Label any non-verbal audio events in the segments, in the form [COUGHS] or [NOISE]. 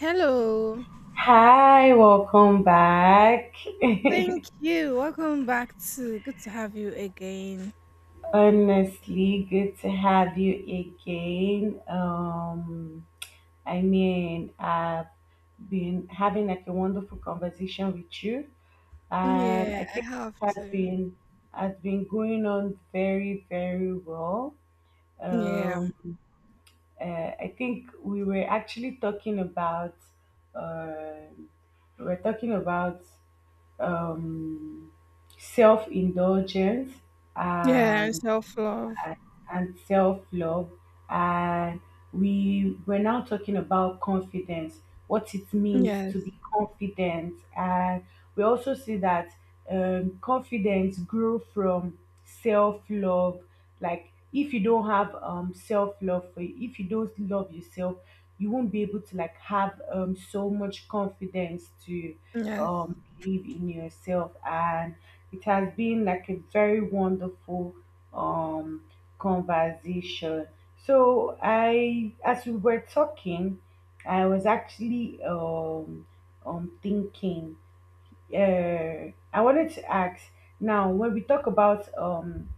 Hello. Hi, welcome back. [LAUGHS] Thank you. Welcome back to, good to have you again. Honestly, good to have you again. I've been having like a wonderful conversation with you, and Yeah, I I think have it to. Has been going on very, very well. Yeah. Um, I think we were actually talking about uh, we were talking about um, self indulgence, Yeah, and and self-love. and self love. And we're now talking about confidence, what it means to Yes. be confident. And we also see that confidence grew from self love. Like, if you don't have self love for you, if you don't love yourself, you won't be able to like have so much confidence to Yes. Believe in yourself. And it has been like a very wonderful um conversation. So as we were talking, I was actually thinking. I wanted to ask now when we talk about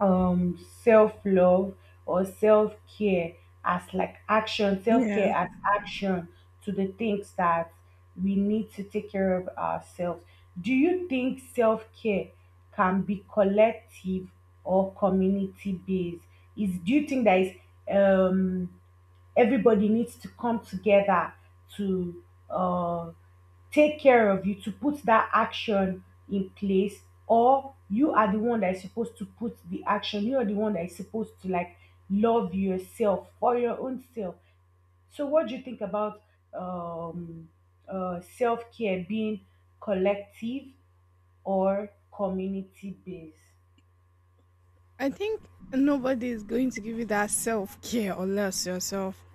um self-love or self-care as like action, Yeah. self-care as action to the things that we need to take care of ourselves. Do you think self-care can be collective or community based? Is Do you think that is um everybody needs to come together to uh take care of you, to put that action in place? Or you are the one that is supposed to put the action, you are the one that is supposed to like love yourself for your own self? So what do you think about um self-care being collective or community based? I think nobody is going to give you that self-care unless yourself,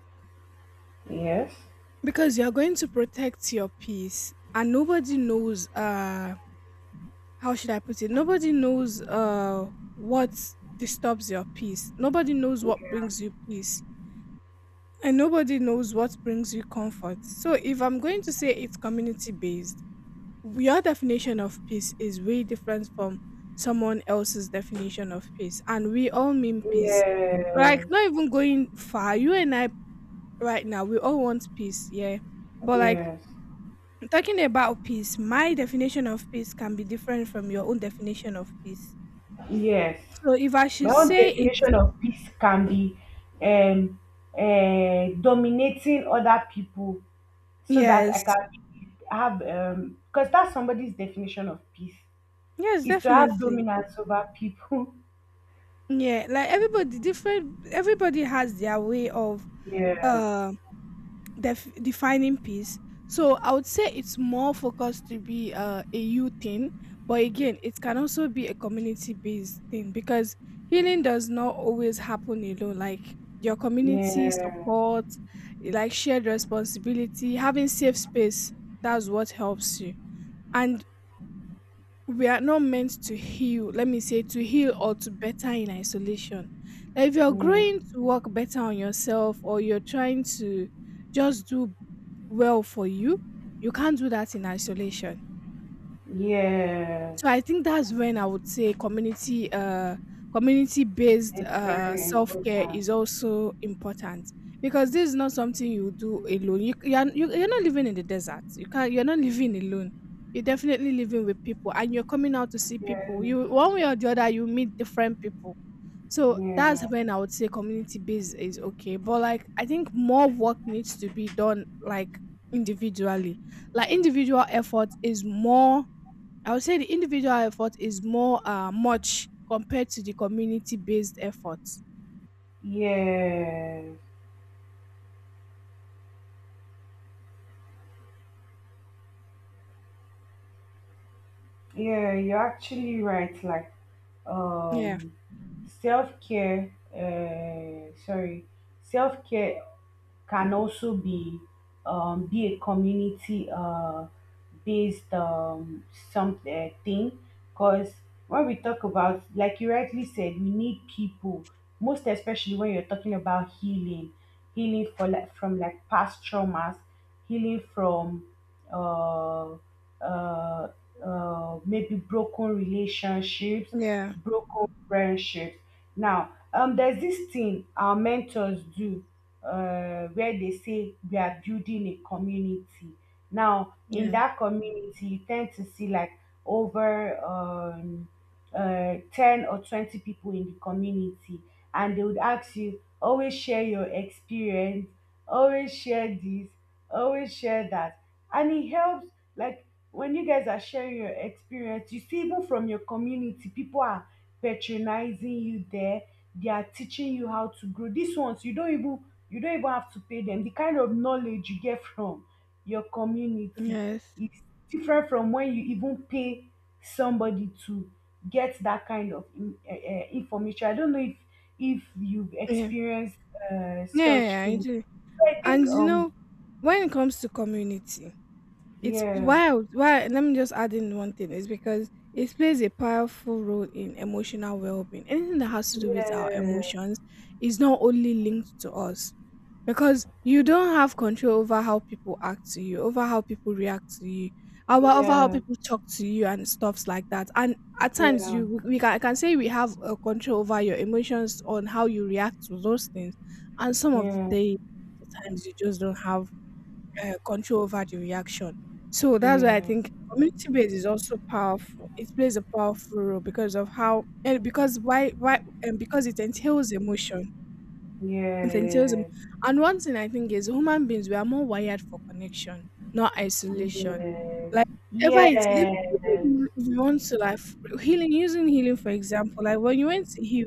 Yes, because you're going to protect your peace, and nobody knows, how should I put it? Nobody knows what disturbs your peace. Nobody knows what brings you peace. And nobody knows what brings you comfort. So, if I'm going to say it's community based, your definition of peace is way different from someone else's definition of peace. And we all mean peace. Like, yes, not even going far. You and I, right now, we all want peace. Yeah. But, like, yes, talking about peace, my definition of peace can be different from your own definition of peace. yes. So, if I My should own say it's definition of peace can be um, dominating other people so that I yes, can have, because that's somebody's definition of peace, yes, is to have definitely. dominance over people. Yeah, like everybody different, everybody has their way of [LAUGHS] Yeah, uh defining peace. So I would say it's more focused to be a you thing, but again, it can also be a community based thing, because healing does not always happen alone. Like, your community yeah, support, like shared responsibility, having safe space, that's what helps you. And we are not meant to heal, let me say, to heal or to better in isolation. Like, if you're yeah. growing to work better on yourself, or you're trying to just do well for you, you can't do that in isolation. Yes, So I think that's when I would say community community based it's very self care important. is also important, because this is not something you do alone. You're not living in the desert. You're not living alone. You're definitely living with people, and you're coming out to see Yes, people. You One way or the other, you meet different people. So that's yes, when I would say community based is okay. But like, I think more work needs to be done like individually. Like individual effort is more I would say the individual effort is more much compared to the community based efforts. yes. Yeah, you're actually right. Like, Yeah, um, self care. Sorry, self care can also be a community based some thing, because when we talk about, like you rightly said, we need people, most especially when you're talking about healing, healing for like from like past traumas, healing from uh, uh, maybe broken relationships, yeah, broken friendships. Now, there's this thing our mentors do, where they say we are building a community. Now, in yeah, that community, you tend to see like over 10 or 20 people in the community, and they would ask you, always share your experience, always share this, always share that. And it helps, like, when you guys are sharing your experience, you see even from your community, people are patronizing you there. They are teaching you how to grow. These ones you don't even have to pay them. The kind of knowledge you get from your community yes, is different from when you even pay somebody to get that kind of information. I don't know if you've yeah, yeah, experienced such yeah, yeah, I things. do. I think And when it comes to community, it's yeah, wild. Why? Let me just add in one thing. It's because it plays a powerful role in emotional well-being. Anything that has to do with our yeah, emotions is not only linked to us, because you don't have control over how people act to you, over how people react to you, over how yeah, people talk to you and stuffs like that. And at times yeah. I can say we have control over your emotions on how you react to those things. And some of the Yes, day the times you just don't have control over the reaction. So that's why I yes, think community base is also powerful. It plays a powerful role because of how and because why and because it entails emotion. Essentialism. yes, And one thing I think is, human beings, we are more wired for connection, not isolation. yes, Like, whatever it is, yes, even if you want to, like, healing, using healing, for example, like when you went to heal,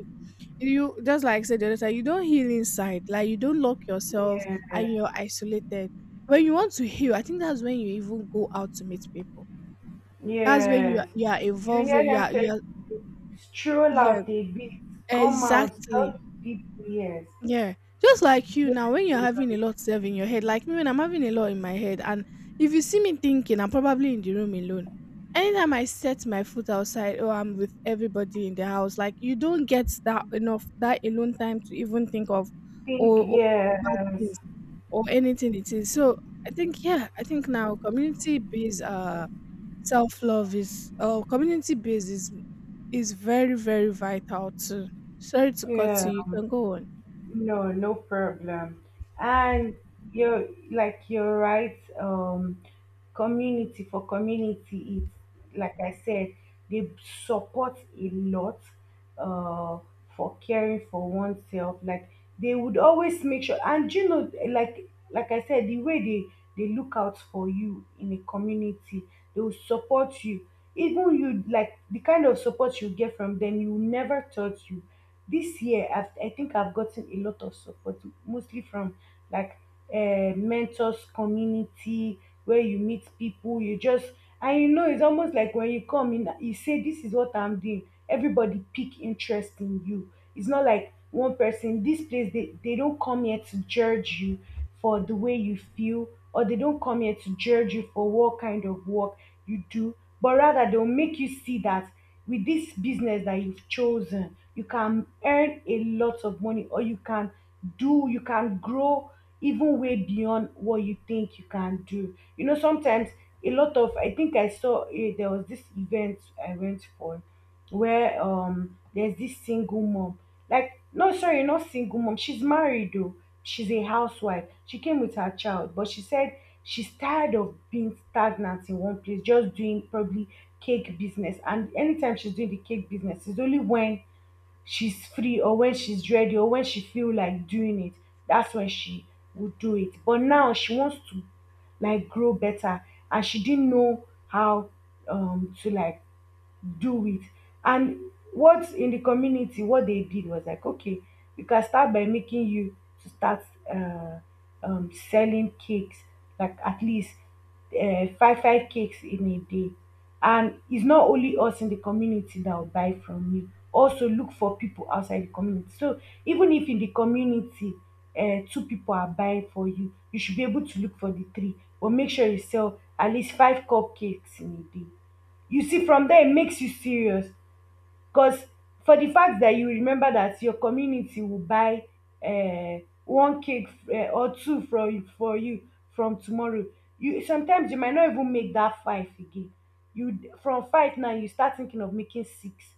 you just, like I said the other time, you don't heal inside. Like, you don't lock yourself and yes, you're isolated. When you want to heal, I think that's when you even go out to meet people. That's when yes. You are You hear evolving, them say, stroll yeah, out a bit, come out, talk exactly. to people, yes. Yeah. Just like you Yes, now, when you're having a lot self in your head, like me when I'm having a lot in my head, and if you see me thinking, I'm probably in the room alone. Anytime I set my foot outside, oh, I'm with everybody in the house. Like, you don't get that enough, that alone time to even think of, think, or bad yes, things or anything it is. So I think, yeah, I think now community based self love is, community based is very, very vital too. Sorry to cut you. yes. You can go on. No, no problem. And you're right. Community for community, it's like I said, they support a lot uh for caring for oneself. Like they would always make sure, and you know, like I said, the way they look out for you in a community, they will support you. Even you, like the kind of support you get from them, you never thought you, this year I think I've gotten a lot of support, mostly from like mentors community, where you meet people. You just, and you know, it's almost like when you come in, you say this is what I'm doing, everybody pick interest in you. It's not like one person. This place, they don't come here to judge you for the way you feel, or they don't come here to judge you for what kind of work you do, but rather they'll make you see that with this business that you've chosen, you can earn a lot of money, or you can do, you can grow even way beyond what you think you can do. You know, sometimes a lot of, I think I saw, eh, there was this event I went for where there's this single mom. Like, no, sorry, not single mom, she's married though. She's a housewife. She came with her child, but she said she's tired of being stagnant in one place, just doing probably cake business. And anytime she's doing the cake business, it's only when she's free, or when she's ready, or when she feel like doing it, that's when she would do it. But now she wants to like grow better, and she didn't know how to like do it. And what in the community, what they did was like, okay, you can start by making you to start uh, selling cakes, like at least five cakes in a day. And it's not only us in the community that will buy from you, also look for people outside the community. So even if in the community two people are buying for you, you should be able to look for the three. But make sure you sell at least five cupcakes in a day. You see from there e makes you serious, because for the fact that you remember that your community will buy one cake or two for you, from tomorrow you, sometimes you might not even make that five again. You from five now you start thinking of making six.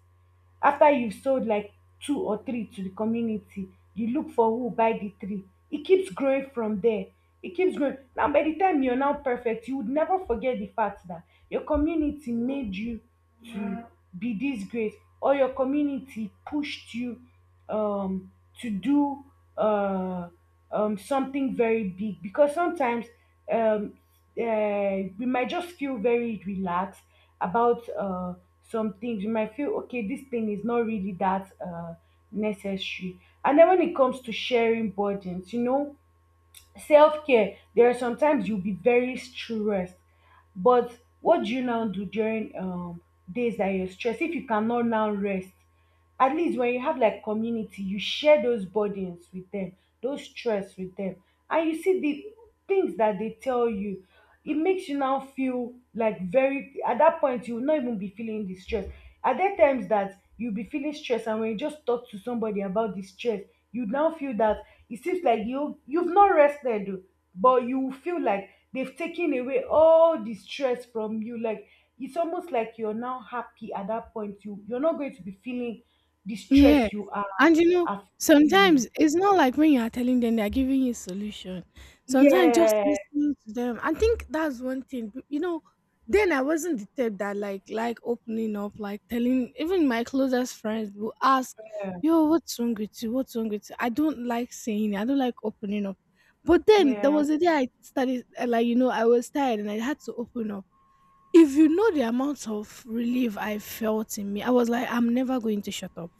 After you've sold like two or three to the community, you look for who buy the three. It keeps growing from there, it keeps growing. Now by the time you're now perfect, you would never forget the fact that your community made you to be this great, or your community pushed you um to do uh something very big. Because sometimes um we might just feel very relaxed about some things. You might feel, okay, this thing is not really that necessary. And then when it comes to sharing burdens, you know, self care, there are sometimes you'll be very stressed. But what do you now do during days that you're stressed? If you cannot now rest, at least when you have like community, you share those burdens with them, those stress with them, and you see the things that they tell you. It makes you now feel like, very, at that point you will not even be feeling the stress. Are there times that you'll be feeling stress, and when you just talk to somebody about the stress, you now feel that it seems like you've not rested, oh, but you feel like they've taken away all the stress from you. Like it's almost like you're now happy, at that point you're not going to be feeling the Yeah. stress you are, And are feeling sometimes it's not like when you are telling them they're giving you a solution. Sometimes just Yeah, listening to them. I think that's one thing. Then I wasn't the type that like opening up, like telling even my closest friends will ask, "Yo, what's wrong with you? What's wrong with you?" I don't like saying it. I don't like opening up. But then there yeah. was a day I started, I was tired and I had to open up. If you know the amount of relief I felt in me, I was like, I'm never going to shut up.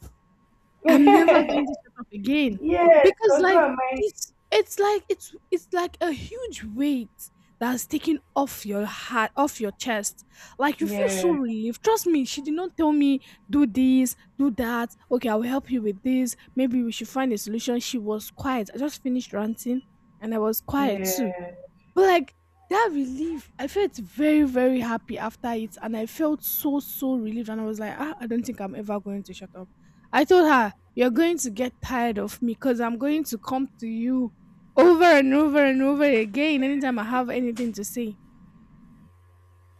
I'm never [LAUGHS] going to shut up again, Yes, because because who like, am I? it's like it's like a huge weight that's taken off your heart, off your chest. Like, you feel so Yeah. relieved. Trust me, she did not tell me, do this, do that, okay, I will help you with this, maybe we should find a solution. She was quiet, I just finished ranting, and I was quiet Yeah, too. But like, that relief, I felt very, very happy after it, and I felt so, so relieved. And I was like, ah, I don't think I'm ever going to shut up. I told her, you're going to get tired of me, because I'm going to come to you over and over and over again anytime I have anything to say.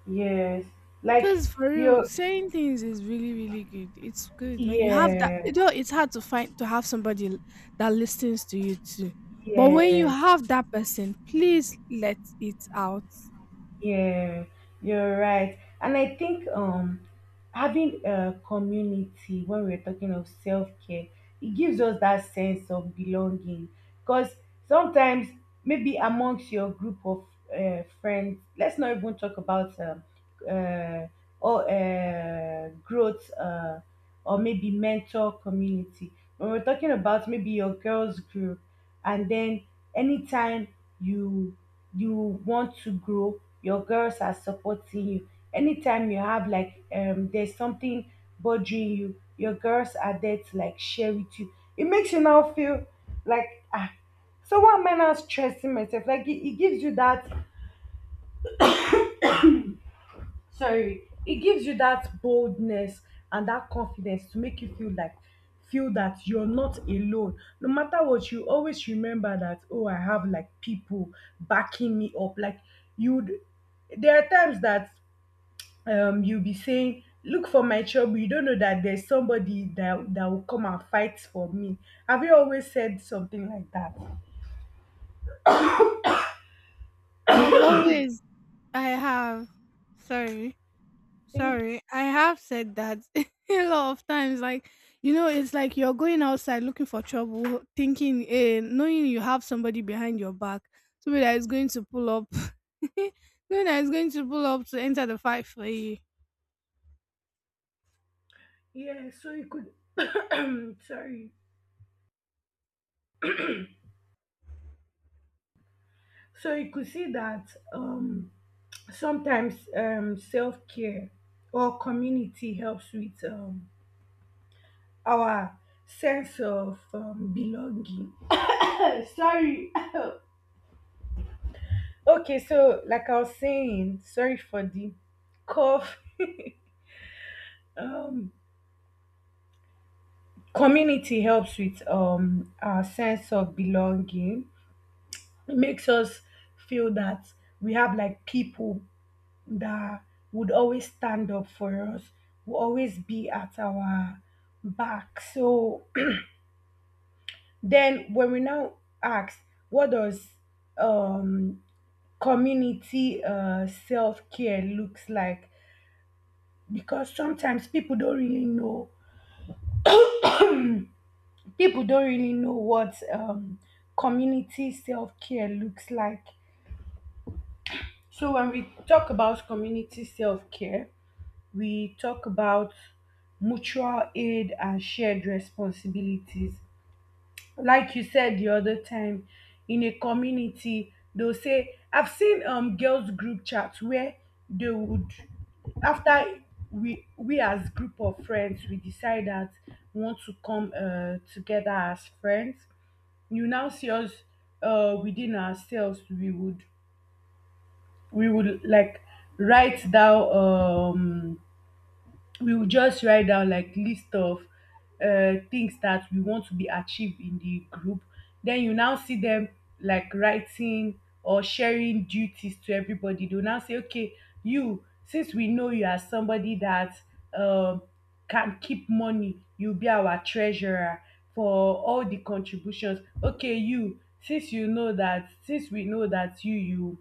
yes. Like Because for real, you, saying things is really, really good. It's good when you have that. You yes, know, it's hard to find to have somebody that listens to you too. But when you yes. have that person, please let it out. Yeah, you're right. And I think having a community, when we're talking of self-care, it gives us that sense of belonging. Because sometimes maybe amongst your group of friends, let's not even talk about uh, or growth or maybe mentor community. When we're talking about maybe your girls group, and then anytime you you want to grow, your girls are supporting you. Anytime you have like there's something bothering you, your girls are there to like share with you. It makes you now feel like, ah, so what? Am I now stressing myself? Like it gives you that, it gives you that boldness and that confidence to make you feel like, feel that you're not alone. No matter what, you always remember that, oh, I have like people backing me up. Like you'd there are times that you'll be saying look for my trouble, you don't know that there's somebody that will come and fight for me. Have you always said something like that? I've always I have. Sorry. Think, Sorry. I have said that [LAUGHS] a lot of times. Like, it's like you're going outside looking for trouble, thinking, eh, knowing you have somebody behind your back, somebody that is going to pull up, [LAUGHS] knowing that is going to pull up to enter the fight for you. yeah. So you could [COUGHS] [CLEARS THROAT] sorry, so you could see that sometimes self-care or community helps with our sense of belonging. [COUGHS] Sorry. [COUGHS] Okay, so like I was saying, sorry for the cough. [LAUGHS] um Community helps with our sense of belonging. It makes us feel that we have like people that would always stand up for us, will always be at our back. So [CLEARS THROAT] then when we now ask, what does um community self-care looks like? Because sometimes people don't really know, people don't really know what community self-care looks like. So when we talk about community self-care, we talk about mutual aid and shared responsibilities. Like you said the other time, in a community, they'll say, I've seen girls group chats where they would, after we as group of friends, we decide that we want to come together as friends. You now see us, within ourselves, we would, we would like write down we would just write down, like, list of things that we want to be achieved in the group. Then you now see them, like, writing or sharing duties to everybody. They'll now say, okay, you, since we know you are somebody that um can keep money, you'll be our treasurer for all the contributions. Okay, you, since you know that, since we know that,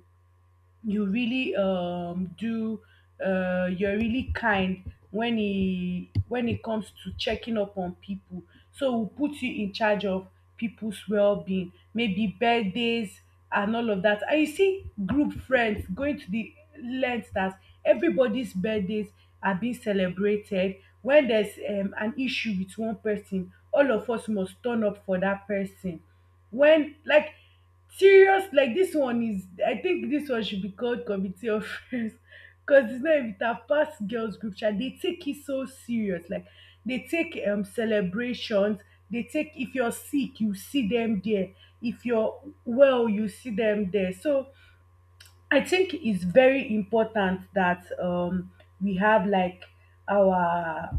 you really um do you're really kind when it comes to checking up on people. So we'll put you in charge of people's well-being, maybe birthdays, and all of that. And you see group friends going to the length that everybody's birthdays are being celebrated. When there's an issue with one person, all of us must turn up for that person. When, like, serious, like, this one is, I think this one should be called committee of friends because it's not even, it have passed girls group chat. They take it so serious. Like, they take celebrations, they take, if you're sick, you see them there. If you're well, you see them there. So I think it's very important that we have, like, our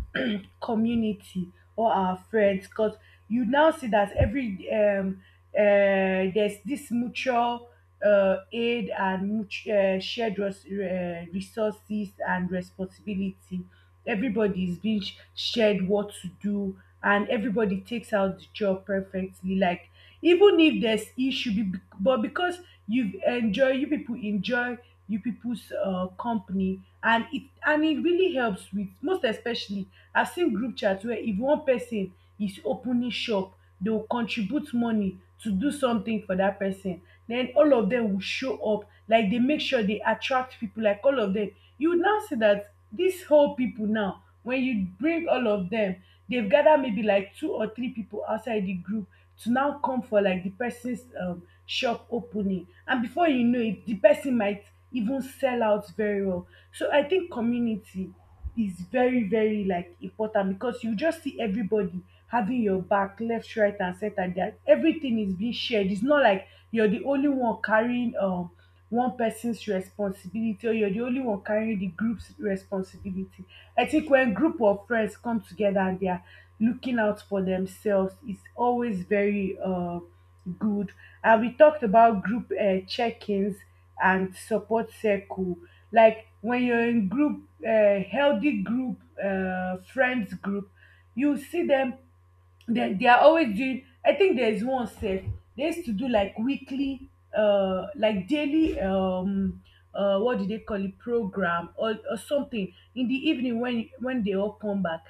community or our friends. Because you now see that every there's this mutual aid and shared resources and responsibility. Everybody is being shared what to do, and everybody takes out the job perfectly. Like, even if there's issue, but because you enjoy, you people's company, and it really helps with, most especially, I seen group chat where if one person is opening shop, they will contribute money to do something for that person. Then all of them will show up, like they make sure they attract people, like all of them. You will now see that these whole people now, when you bring all of them, they've gathered maybe like two or three people outside the group to now come for, like, the person's shop opening, and before you know it the person might even sell out very well. So I think community is very, very, like, important because you just see everybody having your back left, right and center, that everything is being shared. It's not like you're the only one carrying one person's responsibility, or you're the only one carrying the group's responsibility. I think when group of friends come together and they are looking out for themselves, it's always very good. And we talked about group check-ins and support circle. Like when you're in group, healthy group friends group, you see them. They are always doing, I think there's one safe they used to do, like weekly, like daily, what do they call it, program or something in the evening when they all come back,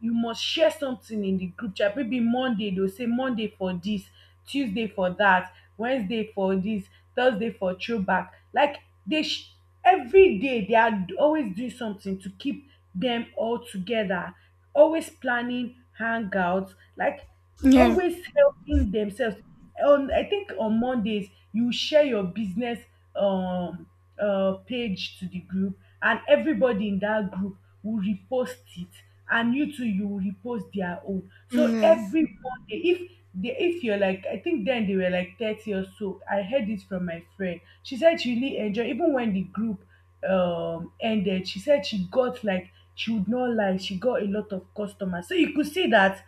you must share something in the group chat. Maybe Monday they'll say Monday for this, Tuesday for that, Wednesday for this, Thursday for throwback. Like, they sh- every day they are always doing something to keep them all together, always planning hangouts, like Yeah. always helping themselves. On, I think on Mondays, you share your business um page to the group, and everybody in that group will repost it, and you too, you will repost their own. Mm, So yes. everybody, if you're, like, I think then they were like 30 or so. I heard it from my friend, she said she really enjoyed. Even when the group ended, she said she got, like, she would not lie, she got a lot of customers. So you could see that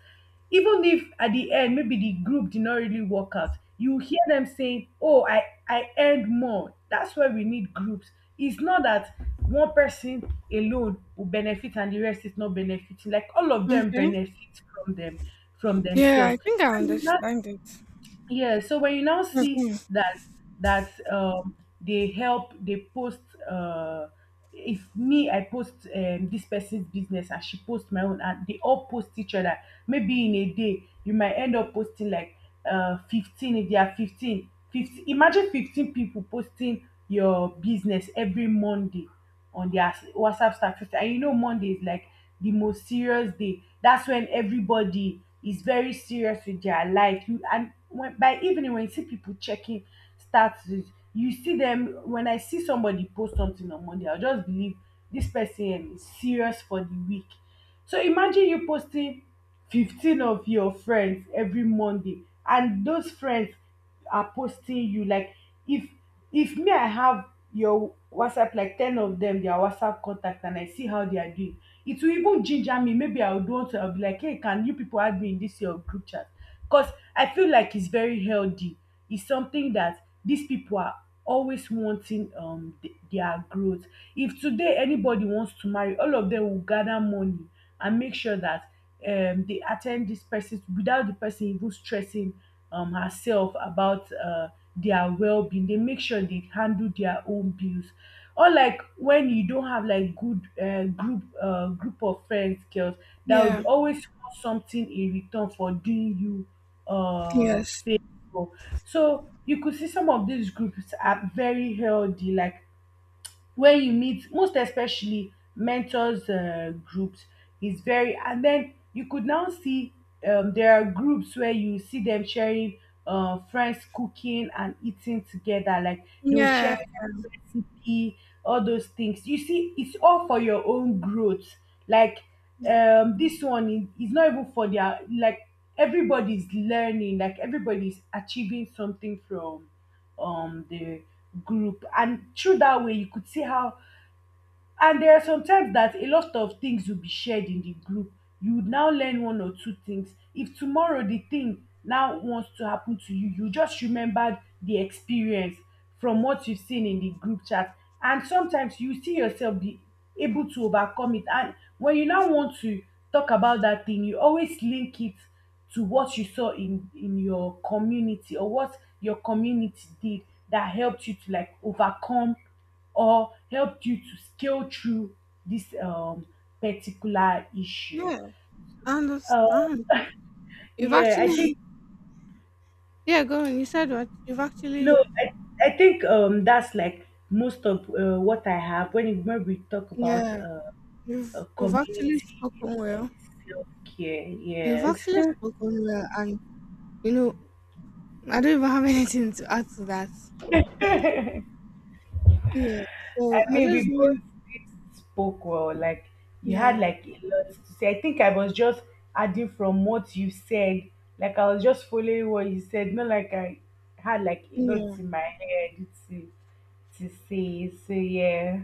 even if at the end maybe the group did not really work out, you hear them saying, oh, I earned more. That's why we need groups. It's not that one person alone will benefit and the rest is not benefiting. Like, all of them Okay. benefit from them from Yeah, I themselves. think I So. understand it. Yeah, so when you now see Mhm. that they help, they post uh if me, I post this person's business, and she posts my own, and they all post each other. Maybe in a day you might end up posting like 15, if they are 15, 15, imagine 15 people posting your business every Monday on their WhatsApp status. And Monday is, like, the most serious day. That's when everybody is very serious with their life. You, and when, by evening, when you see people checking statuses, you see them. When I see somebody post something on Monday, I'll just believe this person is serious for the week. So imagine you posting 15 of your friends every Monday, and those friends are posting you. Like, if if me, I have your WhatsApp, like 10 of them, their WhatsApp contact, and I see how they are doing, it will even ginger me. Maybe I would want to. I'll be like, hey, can you people add me in this your group chat? Because I feel like it's very healthy. It's something that these people are always wanting their growth. If today anybody wants to marry, all of them will gather money and make sure that they attend this person without the person even stressing herself about their well-being. They make sure they handle their own bills. Or, like, when you don't have, like, good group group of friends girls that would Yeah. always want something in return for doing you Yes. favor. So you could see some of these groups are very healthy. Like, where you meet, most especially mentors groups is very. And then you could now see there are groups where you see them sharing friends cooking and eating together. Like, they'll Yeah. share food recipe, all those things. You see, it's all for your own growth. Like, Yeah. This one is, not even for their, like everybody's learning, like everybody's achieving something from the group. And through that way, you could see how, and there are sometimes that a lot of things will be shared in the group. You would now learn one or two things, if tomorrow the thing now wants to happen to you, you just remembered the experience from what you've seen in the group chat. And sometimes you see yourself be able to overcome it. And when you now want to talk about that thing, you always link it to what you saw in your community, or what your community did that helped you to, like, overcome, or helped you to scale through this particular issue? Yeah. I Uh, understand. You've yeah, I think, actually. [LAUGHS] Yeah, go on. You said what? You've actually. no, I think, that's like most of what I have, when, when we talk about Yeah. You've actually community spoken uh, well. self care. You've Yes. actually [LAUGHS] spoken well, and you know I don't even have [LAUGHS] anything to add to that. Yeah. So I I mean, just we wanted. both spoke well. Like, you had Yeah. like a lot to say. I think I was just adding from what you said. Like, I was just following what you said. Not like I had like a lot Yeah. in my head to say. So yeah,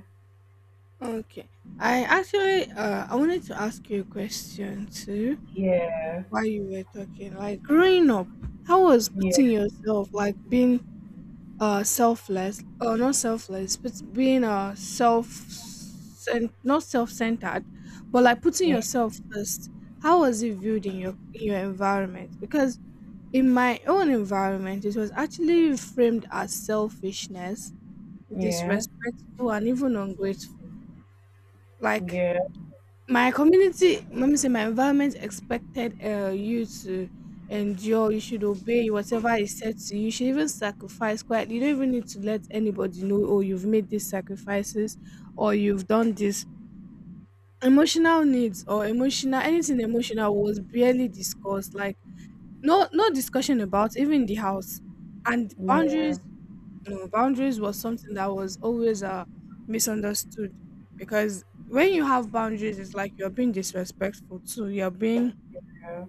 Okay. I actually I wanted to ask you a question too yeah, while you were talking. Like, growing up, how was putting yeah, yourself, like, being selfless, or not selfless, but being self, not self-centered, but like putting yeah, yourself first, how was it viewed in your environment, because in my own environment it was actually framed as selfishness, yeah, disrespectful, and even ungrateful. Like, yeah, my community, let me say, my environment expected you to endure. You should obey whatever is said to you. You should even sacrifice quite. You don't even need to let anybody know, oh, you've made these sacrifices or you've done this. Emotional needs, or emotional, anything emotional was barely discussed. Like, no, no discussion about, even the house. And boundaries, no, boundaries was something that was always misunderstood, because when you have boundaries, it's like you're being disrespectful too. Yeah,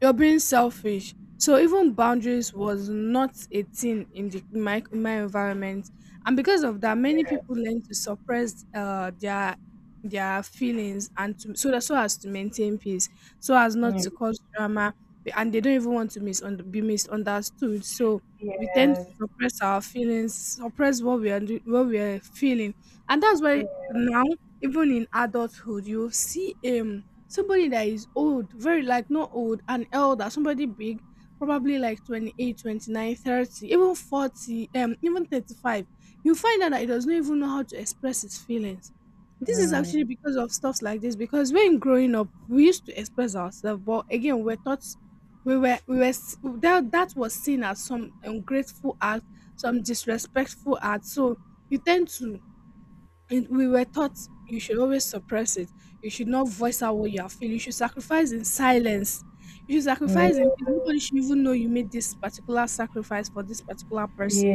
You're being selfish. So even boundaries was not a thing in my environment, and because of that, many people learn to suppress their feelings, and to, so as to maintain peace, so as not to cause drama, and they don't even want to be misunderstood. So we tend yeah, to suppress our feelings, suppress what we are feeling, and that's why now even in adulthood, you see somebody that is old, very, like, not old, an elder, somebody big, probably like 28, 29, 30, even 40 even 35, you find out that he does not even know how to express his feelings. This is Mm. actually because of stuffs like this, because when growing up we used to express ourselves, but again we're taught, we were s- that that was seen as some ungrateful act, some disrespectful act. So you tend to and we were taught you should always suppress it. You should not voice out what you are feeling. You should sacrifice in silence. You should Yes, sacrifice in peace. mm, Nobody should even know you made this particular sacrifice for this particular person.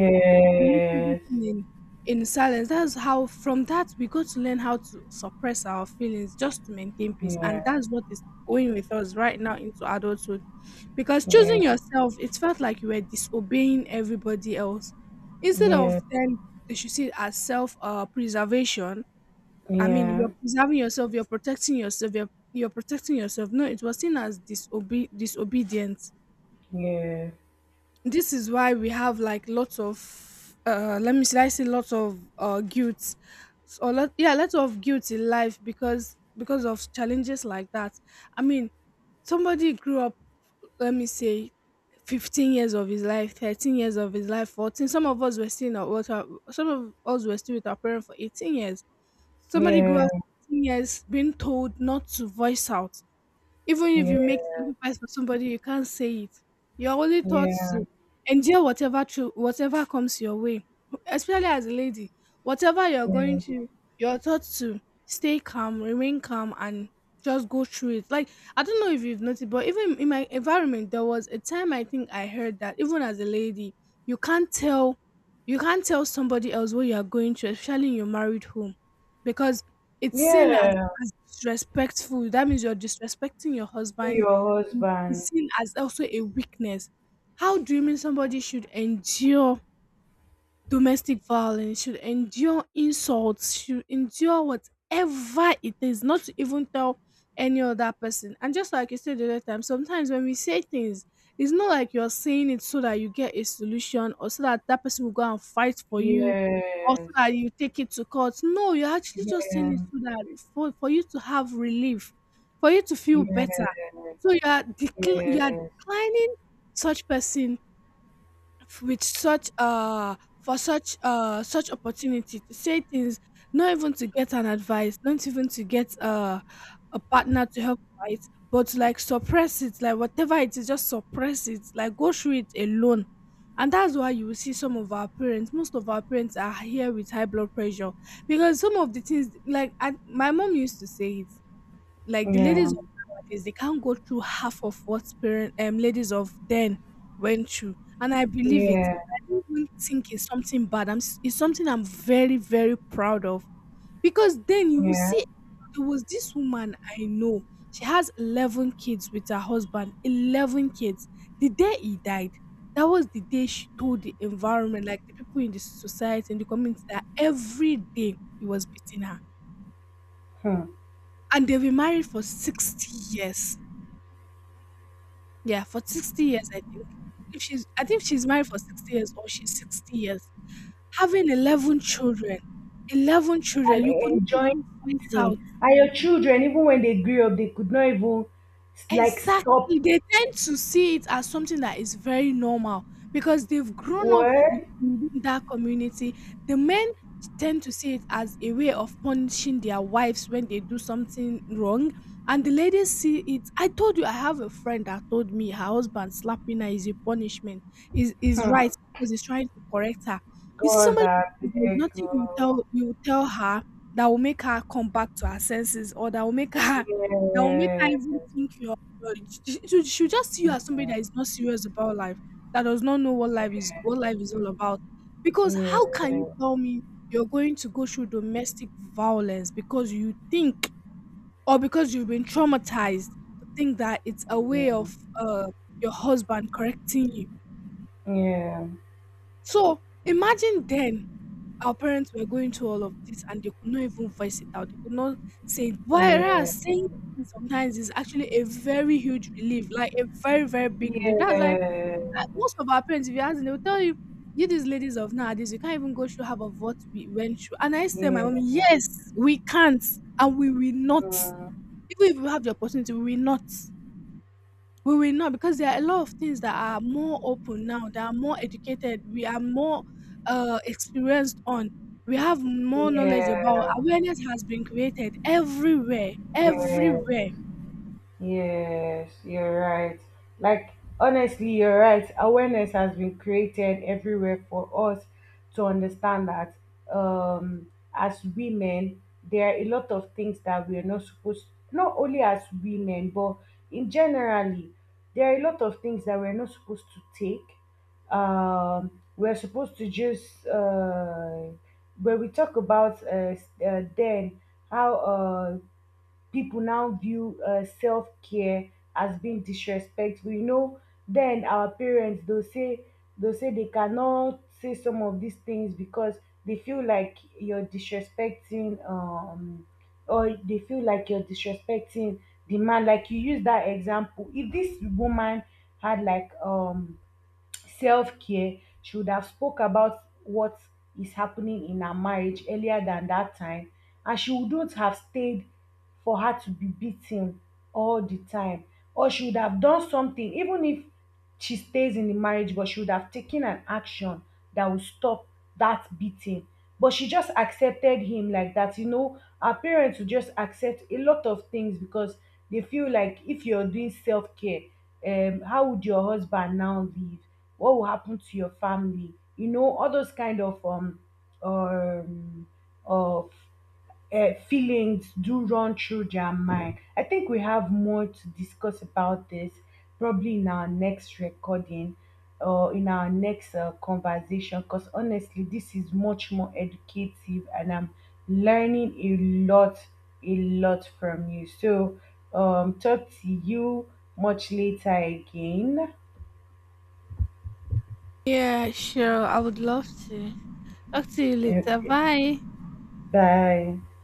Make everything in silence. That's how, from that, we got to learn how to suppress our feelings just to maintain peace. And yes, that's what is going with us right now into adulthood. Because yeah, choosing yourself, it felt like you were disobeying everybody else. yeah, Instead yeah, of then they should see it as self preservation. I mean, yeah, you're preserving yourself, you're protecting yourself, you're protecting yourself. No, it was seen as disobedience. yeah, This is why we have, like, lots of let me — should I say lots of guilt or lot, yeah lots of guilt in life because of challenges like that. I mean, somebody grew up, let me say, 15 years of his life, 13 years of his life, 14 — some of us were still in some of us were still with our parents for 18 years. yeah. Somebody grew Yeah, up 18 years being told not to voice out. Even if you make yeah. sacrifice for somebody, you can't say it. You're only taught Yeah, to endure whatever, through whatever comes your way, especially as a lady. Whatever you're yeah, going to, you're taught to stay calm, remain calm, and just go through it. Like, I don't know if you've noticed, but even in my environment, there was a time I think I heard that even as a lady, you can't tell, you can't tell somebody else what you are going through, especially in your married home, because it's seen as yeah. Disrespectful. That means you're disrespecting your husband, Your and it's husband. seen as also a weakness. How do you mean somebody should endure domestic violence, should endure insults, should endure whatever it is, not to even tell any other person? And just like you said the other time, sometimes when we say things, it's not like you're saying it so that you get a solution, or so that that person will go and fight for you, or so Yes, that you take it to court. No, you're actually just saying yeah, it so that, for you to have relief, for you to feel better. yes, So you are, you are yes, declining such person with such for such opportunity to say things, not even to get an advice, not even to get a partner to help fight, but to, like, suppress it, like whatever it is, just suppress it, like go through it alone. And that's why you will see some of our parents, most of our parents are here with high blood pressure, because some of the things, like I — my mom used to say it, like the yeah, ladies of nowadays, they can't go through half of what parent ladies of then went through, and I believe it. yeah, I don't even think it's something bad. It's something I'm very, very proud of. Because then you will yeah. see, there was this woman I know. She has 11 kids with her husband. 11 kids. The day he died, that was the day she told the environment, like the people in the society and the community, that every day he was beating her. Hmm. And they've been married for 60 years. Yeah, for 60 years, I think. If she's — I think she's married for 60 years, or she's 60 years. Having 11 children, 11 And children, you could not enjoying even voice out. thing. And your children, even when they grew up, they could not even, like, stop. Exactly. They tend to see it as something that is very normal because they've grown up What? within that community. The men tend to see it as a way of punishing their wives when they do something wrong. And the ladies see it. I told you I have a friend that told me her husband slapping her is a punishment, is right, Hmm. because he's trying to correct her. You see, God, somebody — that there's big nothing girl. you tell her that will make her come back to her senses, or that will make her, that will make her Yes, even think you're God. She she'll just see you as somebody that is not serious about life, that does not know what life is all about. Because yeah, how can you tell me you're going to go through domestic violence because you think, or because you've been traumatized to think that it's a way yeah, of uh your husband correcting you? yeah, So imagine then our parents were going through all of this and they could not even voice it out. They could not say it. yeah, Whereas saying it sometimes is actually a very huge relief, like a very, very big relief. That's why yes, most of our parents, if you ask them, they'll tell you, you these ladies of nowadays, you can't even go through half of what we went through. And I say, my mom, yes. yes, we can't, and we will not. 嗯，Even if we have the opportunity, we will not. We will not, because there are a lot of things that are more open now, that are more educated. We are more experienced on. We have more knowledge about. Awareness has been created everywhere, 也也。everywhere. Yes, you're right. Like, honestly, you're right. Awareness has been created everywhere for us to understand that, um, as women, there are a lot of things that we are not supposed, not only as women, but in generally, there are a lot of things that we're not supposed to take. We're supposed to just, when we talk about then, how people now view self-care as being disrespectful. You know, then our parents, they'll say they cannot say some of these things because they feel like you're disrespecting or they feel like you're disrespecting the man. Like, you use that example. If this woman had, like, self-care, should have spoke about what is happening in her marriage earlier than that time, and she wouldn't have stayed for her to be beaten all the time. Or she would have done something, even if she stays in the marriage, but she would have taken an action that would stop that beating. But she just accepted him like that. You know, her parents will just accept a lot of things because they feel like if you're doing self-care, how would your husband now live? What will happen to your family? You know, all those kind of um of feelings do run through their mind. I think we have more to discuss about this, probably in our next recording or in our next conversation, because honestly, this is much more educative and I'm learning a lot from you. So, talk to you much later again. Yeah, sure. I would love to talk to you later. Okay, Bye. bye.